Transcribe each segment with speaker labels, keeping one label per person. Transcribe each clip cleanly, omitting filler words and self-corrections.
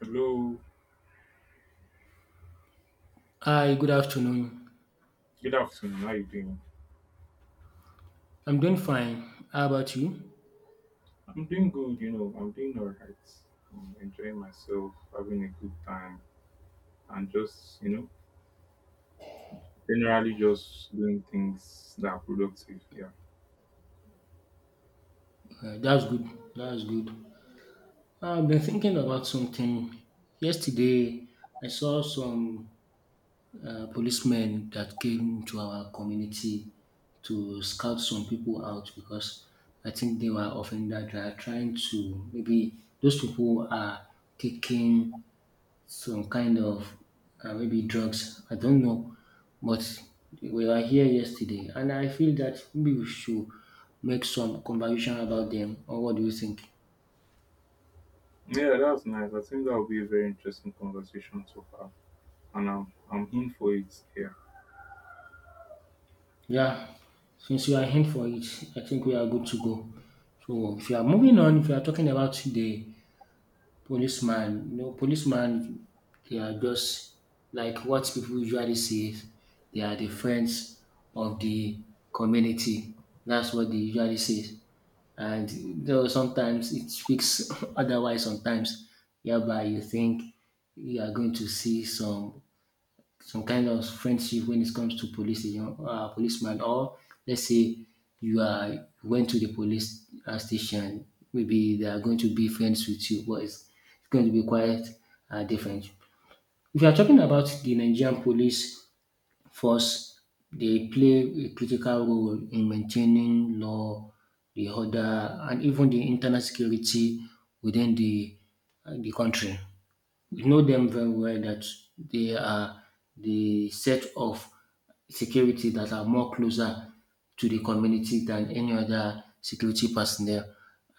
Speaker 1: Hello,
Speaker 2: Hi, good afternoon.
Speaker 1: good afternoon. How you doing?
Speaker 2: I'm doing fine. How about you?
Speaker 1: I'm doing good, you know. I'm doing all right. I'm enjoying myself, having a good time, and just generally just doing things that are productive. Yeah,
Speaker 2: That's good. That's good. I've been thinking about something. Yesterday, I saw some policemen that came to our community to scout some people out because I think they were offended. They are trying to, maybe those people are taking some kind of maybe drugs. I don't know, but we were here yesterday, and I feel that maybe we should make some conversation about them. Or what do you think?
Speaker 1: yeah, that's nice. I think that will be a very interesting conversation to have, and I'm in for it. Yeah,
Speaker 2: Yeah, since you are in for it, I think we are good to go. So if you are moving on, if you are talking about the policeman, you know, policeman, they are just like what people usually say, is they are the friends of the community. That's what they usually say. And though sometimes it speaks otherwise, sometimes whereby you think you are going to see some kind of friendship when it comes to police station, policeman, or let's say you are went to the police station, maybe they are going to be friends with you, but it's going to be quite different. If you are talking about the Nigerian police First, they play a critical role in maintaining law, the order, and even the internal security within the country. We know them very well that they are the set of security that are more closer to the community than any other security personnel.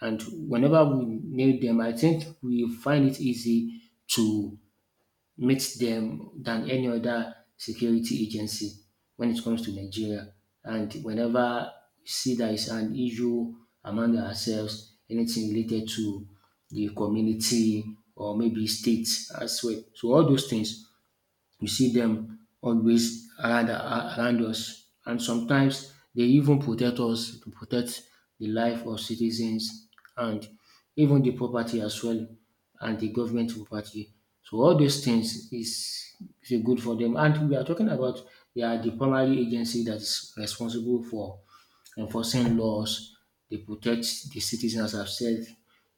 Speaker 2: And whenever we need them, I think we find it easy to meet them than any other security agency when it comes to Nigeria. And whenever we see there is an issue among ourselves, anything related to the community or maybe state as well. So all those things you see them always around around us and sometimes they even protect us, to protect the life of citizens and even the property as well and the government property. So all those things is good for them. And we are talking about they are the primary agency that is responsible for enforcing laws, they protect the citizens as I've said,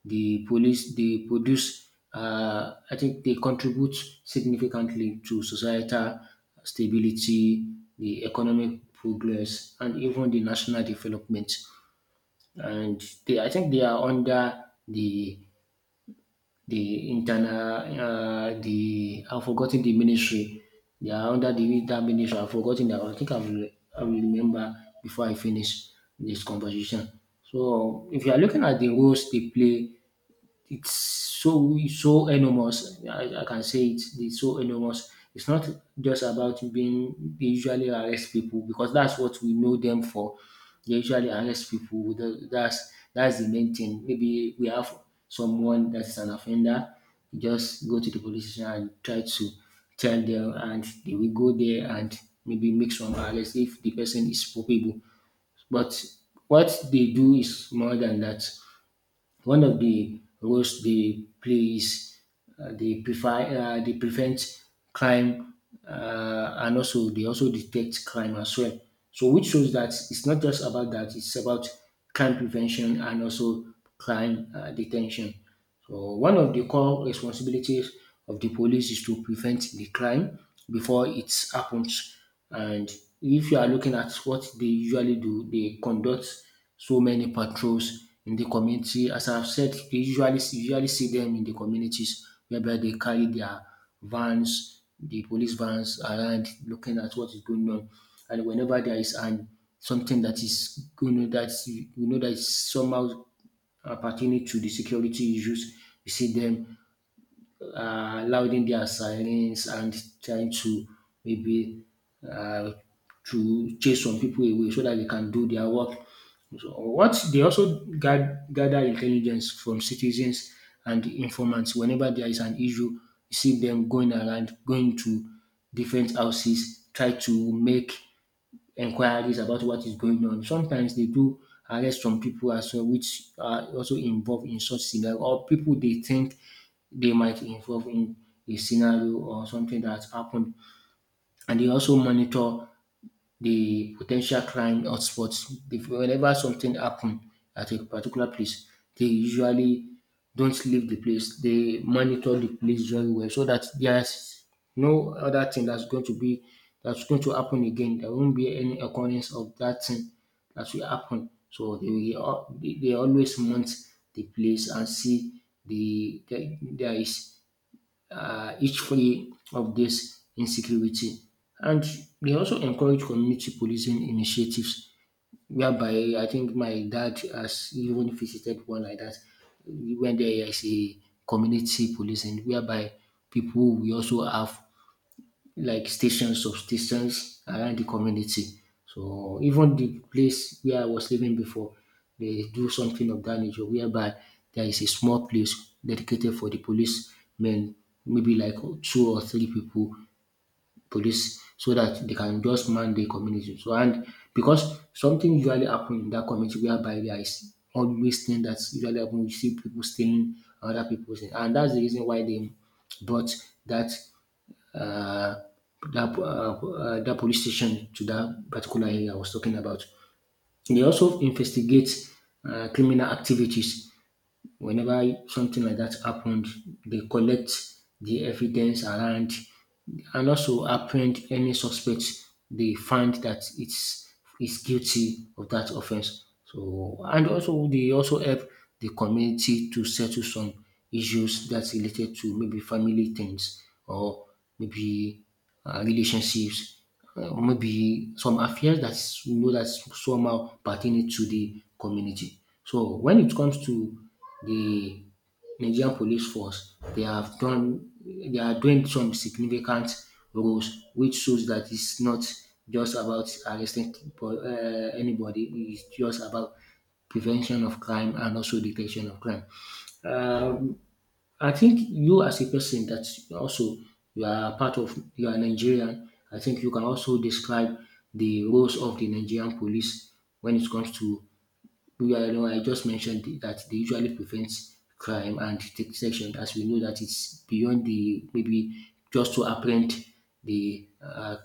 Speaker 2: the police they produce I think they contribute significantly to societal stability, the economic progress and even the national development and they I think they are under the I've forgotten the ministry. They are under the that ministry. I've forgotten that. I think I will remember before I finish this conversation. So, if you are looking at the roles they play it's so so enormous. I can say it. It's so enormous. It's not just about being they usually arrest people because that's what we know them for. They usually arrest people. That's the main thing. Maybe we have someone that's an offender. You just go to the police station and try to tell them, and they will go there and maybe make some arrest if the person is culpable. But what they do is more than that. One of the roles they play is uh, they prefer they prevent crime and also they also detect crime as well. So which shows that it's not just about that; it's about crime prevention and also crime detention. So one of the core responsibilities of the police is to prevent the crime before it happens. And if you are looking at what they usually do, they conduct so many patrols in the community. As I've said, you usually see them in the communities whereby they carry their vans, the police vans around looking at what is going on. And whenever there is an something that is you know that is somehow pertaining to the security issues. You see them louding their sirens and trying to maybe uh, to chase some people away so that they can do their work. So what they also gather intelligence from citizens and informants whenever there is an issue. You see them going around, going to different houses, try to make Inquiries about what is going on. Sometimes they do arrest some people as well, which are also involved in such scenario or people they think they might involve in a scenario or something that happened. And they also monitor the potential crime hotspots. If whenever something happen at a particular place, they usually don't leave the place. They monitor the place very well so that there's no other thing that's going to be that's going to happen again. There won't be any occurrence of that thing that will happen. So they always monitor the place and see the there is each free of this insecurity. And they also encourage community policing initiatives, whereby I think my dad has even visited one like that. When there is a community policing, whereby people we also have like stations, substations around the community. So even the place where I was living before, they do something of that nature whereby there is a small place dedicated for the policemen, maybe like two or three people, police, so that they can just man the community. So and because something usually happen in that community whereby there is always thing that usually happen, you see people stealing other people's thing. And that's the reason why they brought that uh, that police station to that particular area I was talking about. They also investigate criminal activities whenever something like that happened, they collect the evidence around and also apprehend any suspect they find that it's is guilty of that offense. So and also they also help the community to settle some issues that's related to maybe family things or maybe relationships maybe some affairs that we know that somehow pertaining to the community. So when it comes to the Nigerian police force, they have done they are doing some significant roles, which shows that it's not just about arresting people, anybody. It's just about prevention of crime and also detection of crime. I think you as a person that also you are Nigerian, I think you can also describe the roles of the Nigerian police when it comes to yeah, I know I just mentioned that they usually prevent crime and detection, as we know that it's beyond the maybe just to apprehend the uh,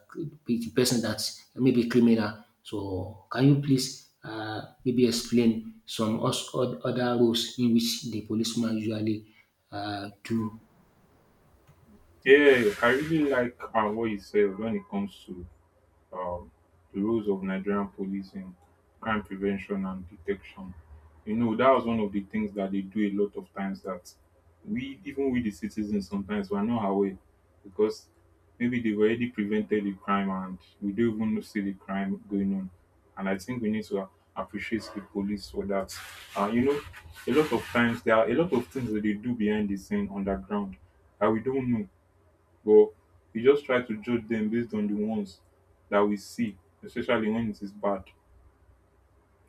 Speaker 2: the person that's maybe criminal. So, can you please maybe explain some other roles in which the policeman usually do?
Speaker 1: yeah. I really like what you said when it comes to um, the roles of Nigerian police in crime prevention and detection. You know, that was one of the things that they do a lot of times that we, even we the citizens, sometimes we're not aware because maybe they've already prevented the crime and we don't even see the crime going on. And I think we need to appreciate the police for that. You know, a lot of times there are a lot of things that they do behind the scene underground that we don't know, but we just try to judge them based on the ones that we see, especially when it is bad.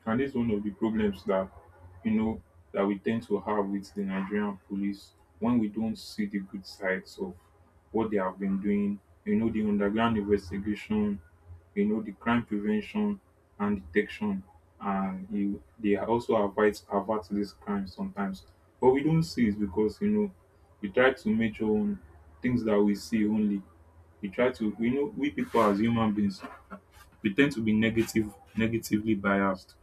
Speaker 1: And this is one of the problems that you know that we tend to have with the Nigerian police when we don't see the good sides of what they have been doing. You know the underground investigation, you know the crime prevention and detection, and you, they also avert this crime sometimes. But we don't see it because you know we try to measure on things that we see only. We try to, you know, we people as human beings, we tend to be negatively biased.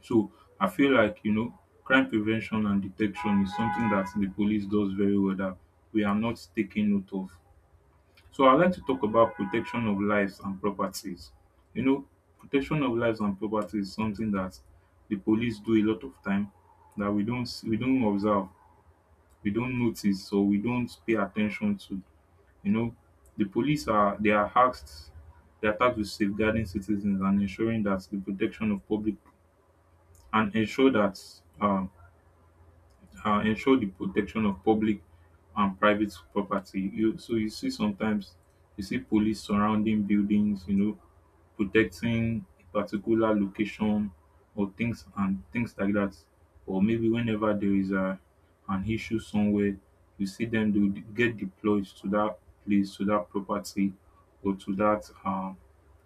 Speaker 1: So I feel like, you know, crime prevention and detection is something that the police does very well that we are not taking note of. So I'd like to talk about protection of lives and properties. You know, protection of lives and properties is something that the police do a lot of time that we don't observe, we don't notice, or we don't pay attention to. You know, the police are they are tasked with safeguarding citizens and ensuring that the protection of public and ensure that um ensure the protection of public and private property. You so you see sometimes you see police surrounding buildings, you know, protecting a particular location or things and things like that. Or maybe whenever there is a an issue somewhere, you see them do get deployed to that place, to that property, or to that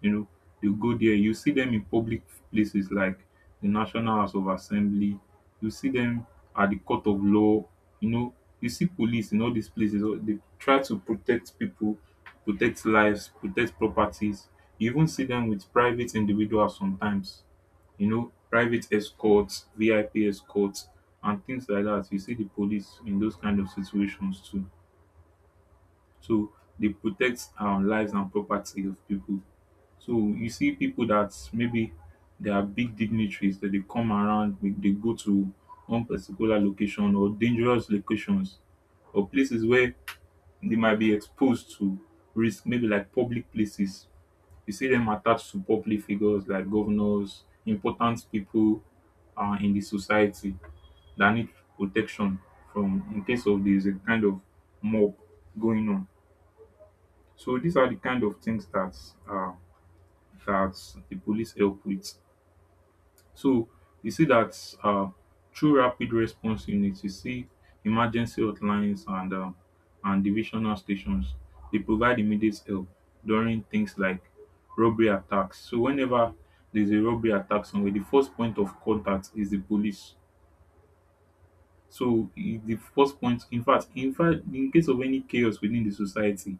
Speaker 1: you know, you go there. You see them in public places like the National House of Assembly, you see them at the court of law. You know, you see police in all these places They try to protect people, protect lives, protect properties. You even see them with private individuals sometimes, you know, private escorts, VIP escorts and things like that. You see the police in those kind of situations too. So they protect lives and property of people. So you see people that maybe they are big dignitaries that they come around, they go to one particular location or dangerous locations or places where they might be exposed to risk, maybe like public places. You see them attached to public figures like governors, important people in the society that need protection from in case of there's a kind of mob going on. So these are the kind of things that uh, that the police help with. So you see that through rapid response units, you see emergency hotlines and divisional stations. They provide immediate help during things like robbery attacks. So whenever there's a robbery attack somewhere, the first point of contact is the police. So the first point, in fact, in case of any chaos within the society,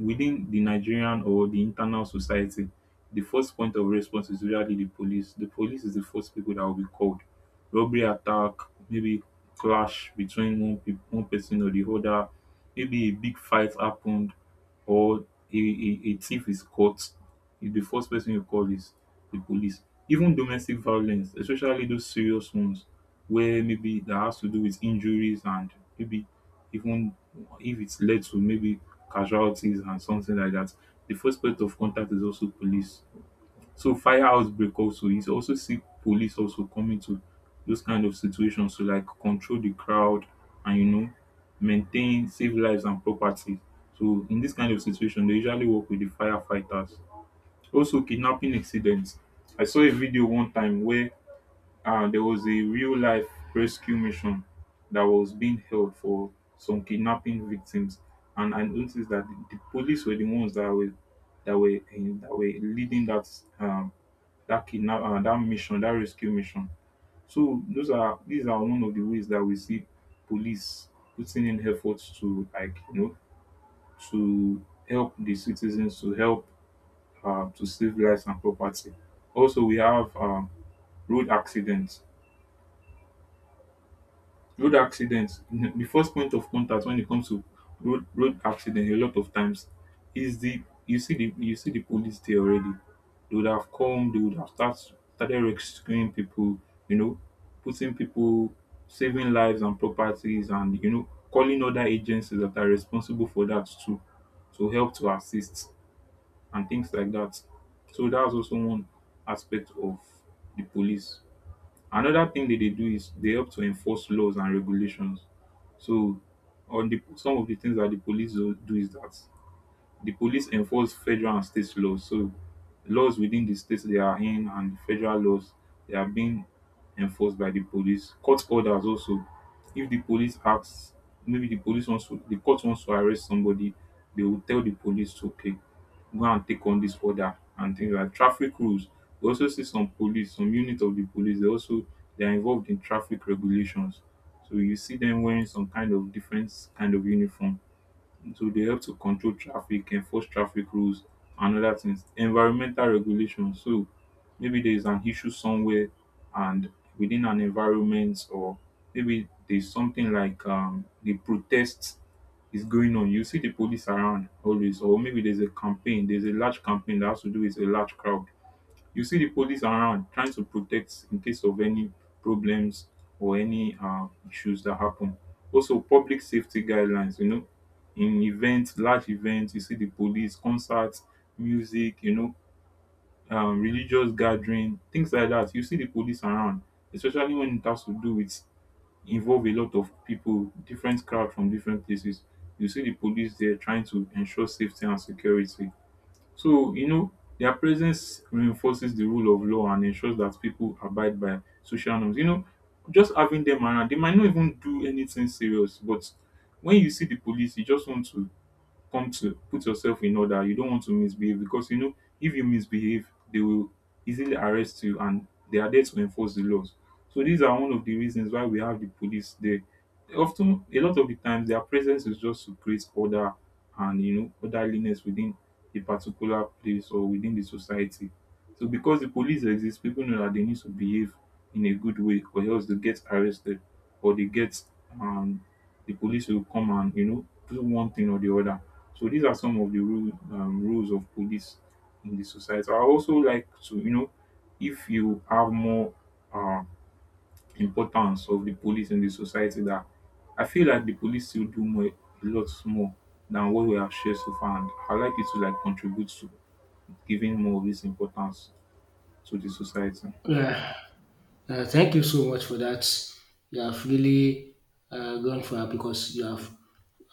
Speaker 1: within the Nigerian or the internal society, the first point of response is usually the police. The police is the first people that will be called. Robbery attack, maybe clash between one person or the other, maybe a big fight happened or a thief is caught, if the first person you call is the police. Even domestic violence, especially those serious ones where maybe that has to do with injuries and maybe even if it's led to maybe casualties and something like that, the first point of contact is also police. So fire outbreak also is also see police also coming to those kind of situations to like control the crowd and you know maintain save lives and property. So in this kind of situation, they usually work with the firefighters, also kidnapping incidents. I saw a video one time where there was a real life rescue mission that was being held for some kidnapping victims, and I noticed that the police were the ones that were that were leading that um, that kidnap that mission that rescue mission. So those are these are one of the ways that we see police putting in efforts to like you know to help the citizens to help to save lives and property. Also, we have road accidents. Road accidents, the first point of contact when it comes to road accident, a lot of times is the you see the you see the police there already. They would have come, they would have start, started rescuing people, you know, putting people, saving lives and properties, and you know, calling other agencies that are responsible for that too to help to assist. And things like that. So that's also one aspect of the police. Another thing that they do is they help to enforce laws and regulations. So on the some of the things that the police do is that the police enforce federal and state laws. So laws within the states they are in, and federal laws they are being enforced by the police. Court orders also. If the police acts, maybe the police wants to, the court wants to arrest somebody, they will tell the police, okay, go and take on this order, and things like traffic rules. We also see some police, some unit of the police, they also they are involved in traffic regulations. So you see them wearing some kind of different kind of uniform so they help to control traffic, enforce traffic rules and oda tins. Environmental regulation, so maybe there is an issue somewhere and within an environment, or maybe there is something like a protest is going on. You see the police around always, or maybe there's a campaign, there's a large campaign that has to do with a large crowd. You see the police around trying to protect in case of any problems or any issues that happen. Also, public safety guidelines, you know, in events, large events, you see the police, concerts, music, you know, religious gathering, things like that. You see the police around, especially when it has to do with involve a lot of people, different crowd from different places. You see the police there trying to ensure safety and security. So, you know, their presence reinforces the rule of law and ensures that people abide by social norms. You know, just having them around, they might not even do anything serious, but when you see the police, you just want to come to put yourself in order. You don't want to misbehave because you know if you misbehave, they will easily arrest you, and they are there to enforce the laws. So these are one of the reasons why we have the police there. Often a lot of the times their presence is just to create order and you know orderliness within a particular place or within the society. So because the police exist, people know that they need to behave in a good way or else they get arrested, or they get um di police will come and you know do one thing or the other. So these are some of the roles of police in the society. I also like to, you know, if you have more um importance of the police in the society, that I feel like the police still do more, a lot more, than what we have shared so far, and I like it to like contribute to giving more of this importance to the society.
Speaker 2: Yeah. Thank you so much for that. You have really gone far because you have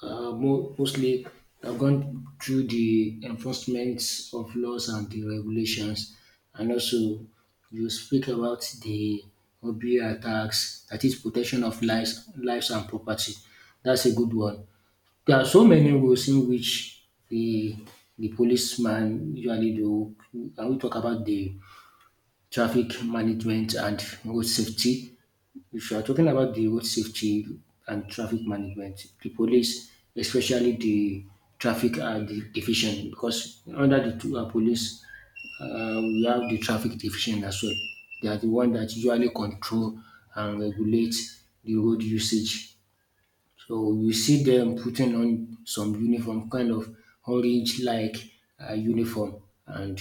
Speaker 2: mostly have gone through the enforcement of laws and the regulations, and also you speak about the hobby attacks, that is protection of lives and property. That's a good one. There are so many ways in which the policeman usually do. Can we talk about the traffic management and road safety? If you are talking about the road safety and traffic management, the police, especially the traffic division, because under the two, police, we have the traffic division as well. They are the one that usually control and regulate the road usage. So you see them putting on some uniform, kind of orange like uniform, and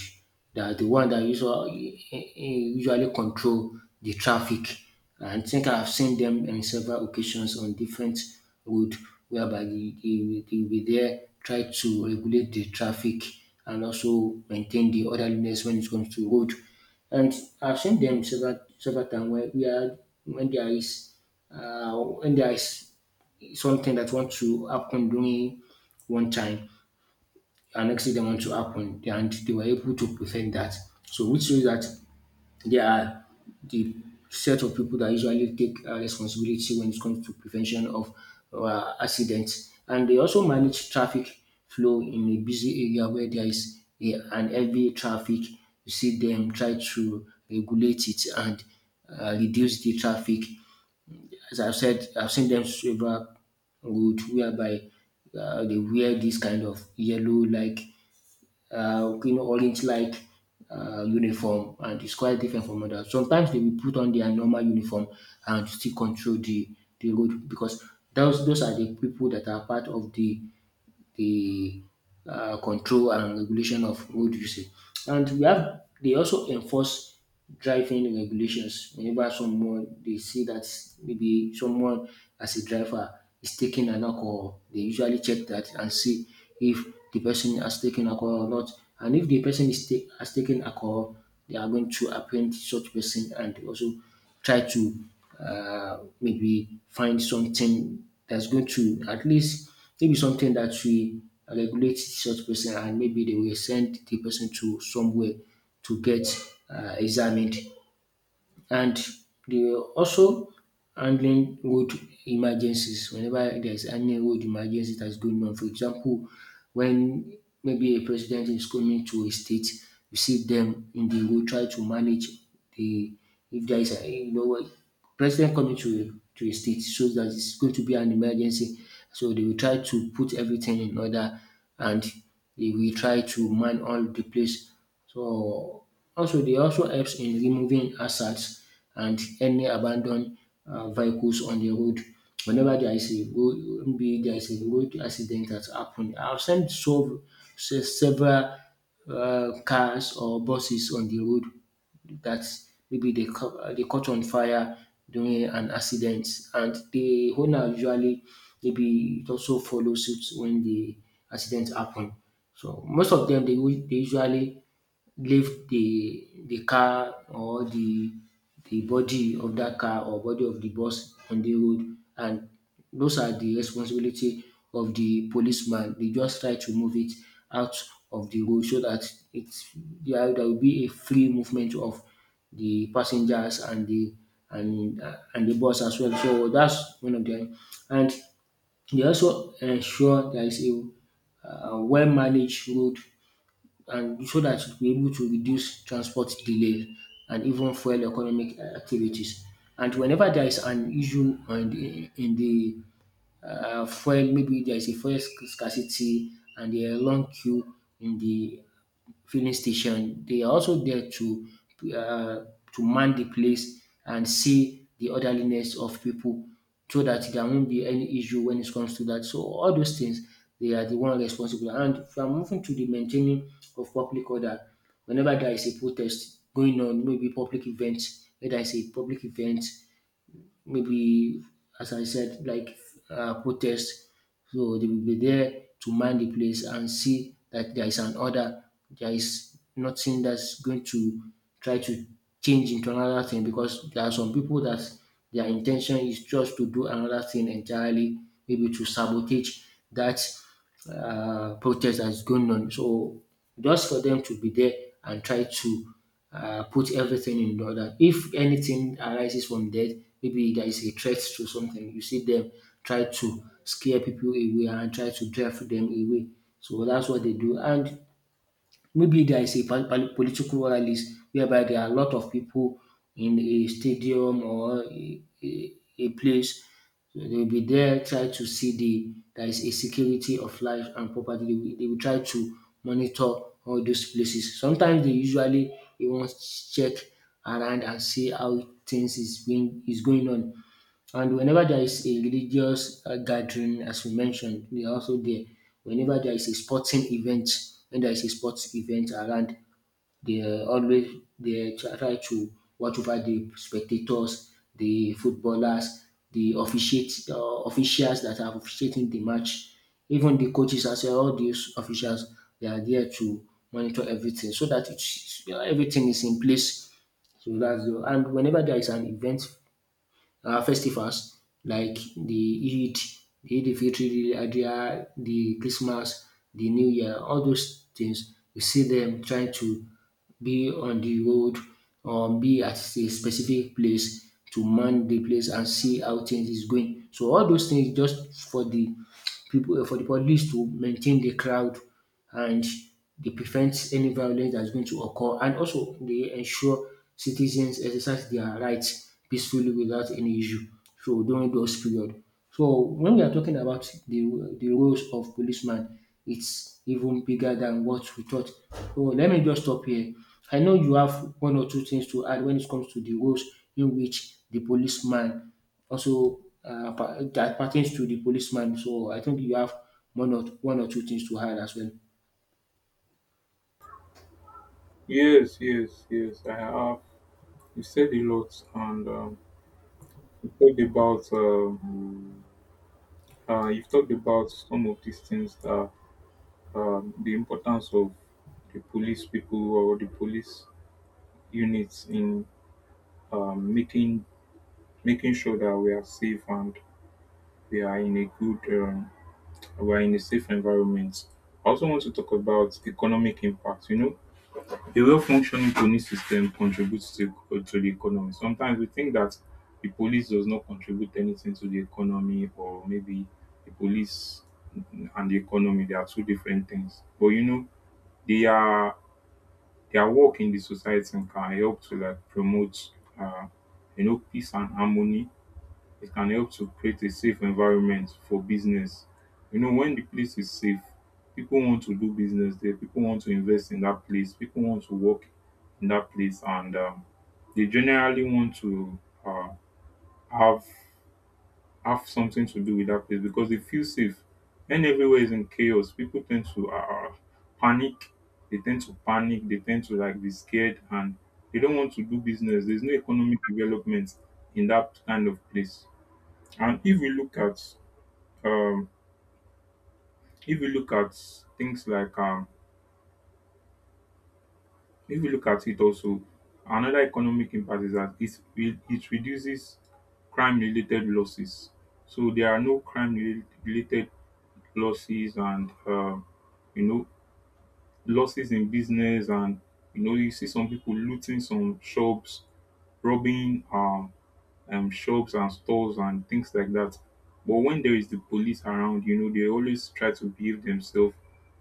Speaker 2: they are the one that usually control the traffic. And I think I've seen them in several occasions on different road whereby they will be there, try to regulate the traffic and also maintain the orderliness when it comes to road. And I've seen them several times where we are when there is uh, when there is something that wants to happen during one time, an accident wants to happen, and they were able to prevent that. So which shows that they are the set of people that usually take responsibility when it comes to prevention of accidents. And they also manage traffic flow in a busy area where there is an heavy traffic. You see them try to regulate it and reduce the traffic as I've said, I've seen them silver wood whereby they wear this kind of yellow like you know orange like uniform and it's quite different from others. Sometimes they will put on their normal uniform and still control the road because those are the people that are part of the control and regulation of road usage. And we have they also enforce driving regulations whenever someone they see that maybe someone as a driver is taking an alcohol, they usually check that and see if the person has taken alcohol or not. And if the person is has taken alcohol, they are going to apprehend such person and also try to maybe find something that's going to at least maybe something that will regulate such person and maybe they will send the person to somewhere to get examined. And they also handling road emergencies whenever there's any road emergency that's going on. For example, when maybe a president is coming to a state, you see them in the road try to manage the if there is a you know what president coming to a state, so that it's going to be an emergency. So they will try to put everything in order, and they will try to man all the place, so also they also helps in removing hazards and any abandoned vehicles on the road. Whenever there is a road, maybe there is a road accident that's happened, I've seen so several cars or buses on the road that maybe they they caught on fire during an accident, and the owner usually maybe it also follows suit when the accident happen. So most of them they, they usually lift the car or the body of that car or body of the bus on the road, and those are the responsibility of the policeman. They just try to move it out of the road so that there will be a free movement of the passengers and the bus as well. So that's one of them. And they also ensure there is a well managed road, and so that it will be able to reduce transport delays and even fuel economic activities. And whenever there is an issue on the fuel, maybe there is a fuel scarcity and there are long queue in the filling station. They are also there uh, to man the place and see the orderliness of people so that there won't be any issue when it comes to that. So all those things, they are the one responsible. And from moving to the maintaining of public order, whenever there is a protest going on, maybe public events, where there is a public event, maybe as I said, like protest. So they will be there to mind the place and see that there is an order. There is nothing that's going to try to change into another thing, because there are some people that their intention is just to do another thing entirely, maybe to sabotage that protest that's going on. So just for them to be there and try to put everything in order. If anything arises from death, maybe there is a threat to something, you see them try to scare people away and try to drive them away. So that's what they do. And maybe there is a political rallies whereby there are a lot of people in a stadium or a place. So they will be there, try to see the there is a security of life and property. They will try to monitor all those places. Sometimes they usually they want to check around and see how things is being is going on. And whenever there is a religious gathering, as we mentioned, we are also there. Whenever there is a sporting event, when there is a sports event around, they always they try to watch over the spectators, the footballers, the officiate officials that are officiating the match, even the coaches as well. All these officials they are there to monitor everything so that it's, everything is in place. So that's the, and whenever there is an event, festivals like Eid, the Eid al-Fitr, the Adha, the Christmas, the New Year, all those things. You see them trying to be on the road or be at a specific place to man the place and see how things is going. So all those things just for the people for the police to maintain the crowd, and they prevent any violence that's going to occur, and also they ensure citizens exercise their rights peacefully without any issue. So during those period. So when we are talking about the roles of policeman, it's even bigger than what we thought. So let me just stop here. I know you have one or two things to add when it comes to the roles in which the policeman also that pertains to the policeman. So I think you have one or two things to add as well.
Speaker 1: Yes, yes, yes. I have. You said a lot, and you talked about some of these things that the importance of the police people or the police units in um, making making sure that we are safe and we are in a good we are in a safe environment. I also want to talk about economic impact. You know, a well-functioning police system contributes to the economy. Sometimes we think that the police does not contribute anything to the economy, or maybe the police and the economy they are two different things. But you know, they are, their work in the society can help to like promote uh, you know, peace and harmony. It can help to create a safe environment for business. You know, when the place is safe, people want to do business there, people want to invest in that place, people want to work in that place, and they generally want to uh, have have something to do with that place because they feel safe. When everywhere is in chaos, people tend to panic. They tend to panic. They tend to like be scared, and they don't want to do business. There's no economic development in that kind of place. And if we look at um, if we look at things like if we look at it also, another economic impact is that it reduces crime related losses. So there are no related losses and you know, losses in business, and you know, you see some people looting some shops, robbing shops and stores and things like that. But when there is the police around, you know, they always try to behave themselves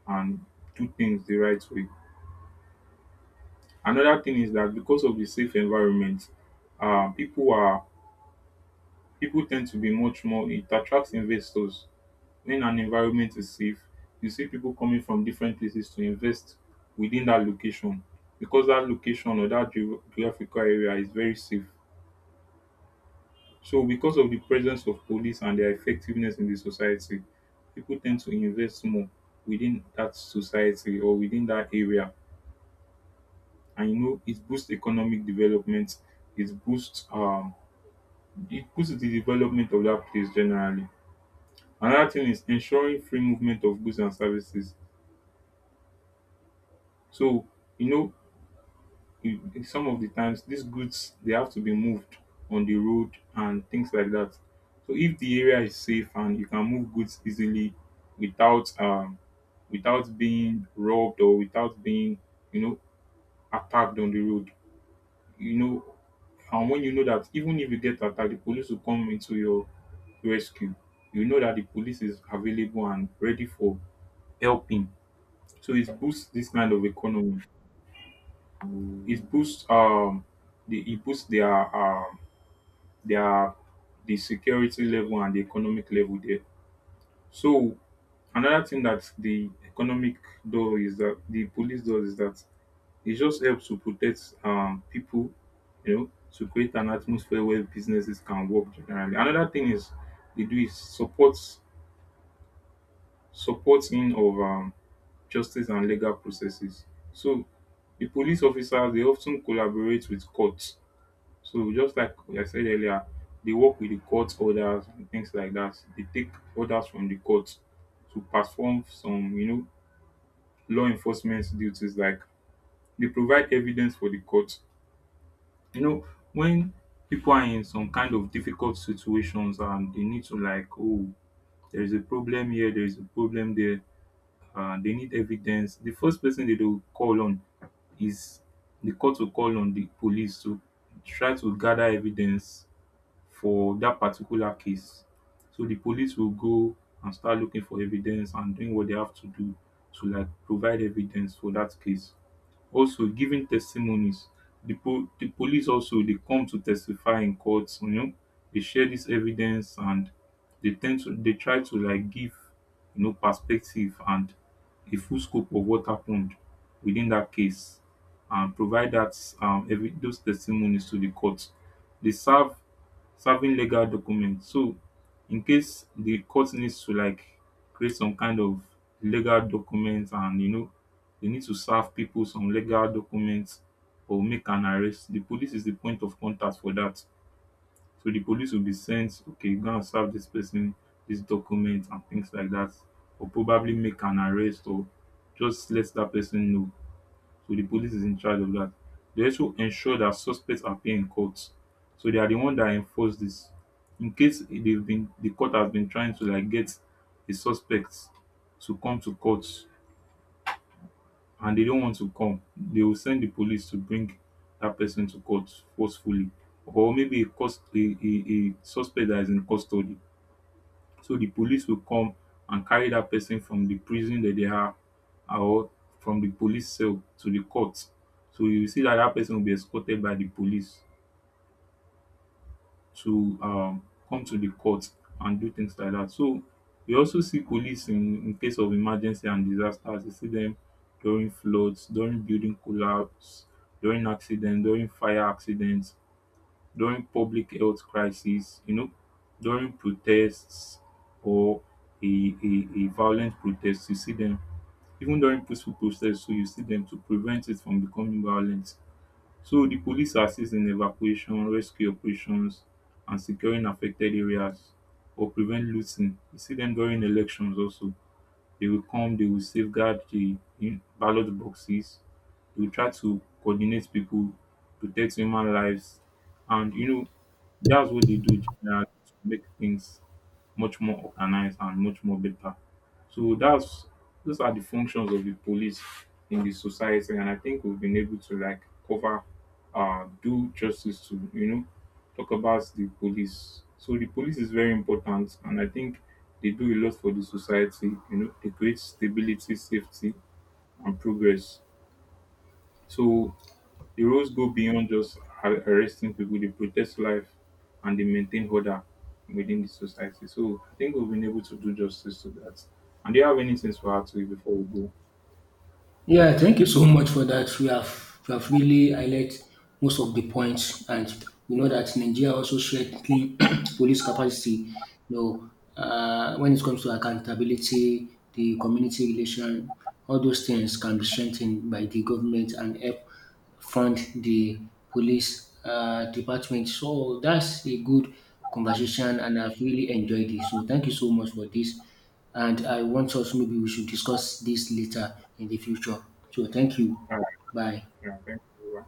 Speaker 1: and do things the right way. Another thing is that because of the safe environment, people are, people tend to be much more. It attracts investors. When an environment is safe, you see people coming from different places to invest within that location because that location or that geographical area is very safe. So because of the presence of police and their effectiveness in the society, people tend to invest more within that society or within that area. And you know, it boosts economic development. It boosts um it boosts the development of that place generally. Another thing is ensuring free movement of goods and services. So you know, in some of the times these goods they have to be moved on the road and things like that. So if the area is safe and you can move goods easily without without being robbed or without being, you know, attacked on the road, you know, and when you know that even if you get attacked, the police will come into your rescue. You know that the police is available and ready for helping. So it boosts this kind of economy. It boosts the it boosts their their the security level and the economic level there. So another thing that the economic door is that the police does is that it just helps to protect people, you know, to create an atmosphere where businesses can work generally. Another thing is they do is support, supporting of justice and legal processes. So the police officers they often collaborate with courts. So just like I said earlier, they work with the court orders and things like that. They take orders from the court to perform some, you know, law enforcement duties. Like they provide evidence for the court. You know, when people are in some kind of difficult situations and they need to like, oh, there is a problem here, there is a problem there, they need evidence. The first person they will call on is, the court will call on the police to try to gather evidence for that particular case. So the police will go and start looking for evidence and doing what they have to do to like provide evidence for that case. Also giving testimonies, the police also, they come to testify in courts, you know. They share this evidence, and they try to like give, you know, perspective and a full scope of what happened within that case and provide that evi those testimonies to the court. They serve, serving legal documents, so in case the court needs to like create some kind of legal documents and you know, they need to serve people some legal documents or make an arrest. The police is the point of contact for that, so the police will be sent, okay, go and serve this person this document and things like that, or probably make an arrest or just let that person know. So the police is in charge of that. They also ensure that suspects appear in court, so they are the one that enforce this. In case, incase dey been the court has been trying to like get a suspect to come to court and they don't want to come, they will send the police to bring that person to court forcefully, or maybe a suspect that is in custody. So the police will come and carry that person from the prison that they are, or from the police cell to the court. So you will see that that person will be escorted by the police to come to the court and do things like that. So we also see police in case of emergency and disasters. You see them during floods, during building collapse, during accident, during fire accidents, during public health crisis, you know, during protests or a violent protest. You see them even during peaceful protests, so you see them to prevent it from becoming violent. So the police assist in evacuation rescue operations and securing affected areas or prevent looting. We see dem during elections also, they will come, they will safeguard di ballot boxes. They will try to coordinate pipu, protect human lives, and you know, that's what they do generally to make things much more organised and much more better. So that's, those are the functions of the police in the society, and I think we've been able to like cover, do justice to, you know, talk about the police. So the police is very important, and I think they do a lot for the society. You know, they create stability, safety, and progress. So the roles go beyond just arresting people, they protect life and they maintain order within the society. So I think we've been able to do justice to that. And do you have anything to add to it before we go?
Speaker 2: Yeah, thank you so much for that. We have really highlighted most of the points, and we know that Nigeria also strengthening police capacity. You know, when it comes to accountability, the community relation, all those things can be strengthened by the government and help fund the police department. So that's a good conversation, and I've really enjoyed it. So thank you so much for this, and I want us maybe we should discuss this later in the future. So thank you.
Speaker 1: All right.
Speaker 2: Bye.
Speaker 1: Yeah, thank you.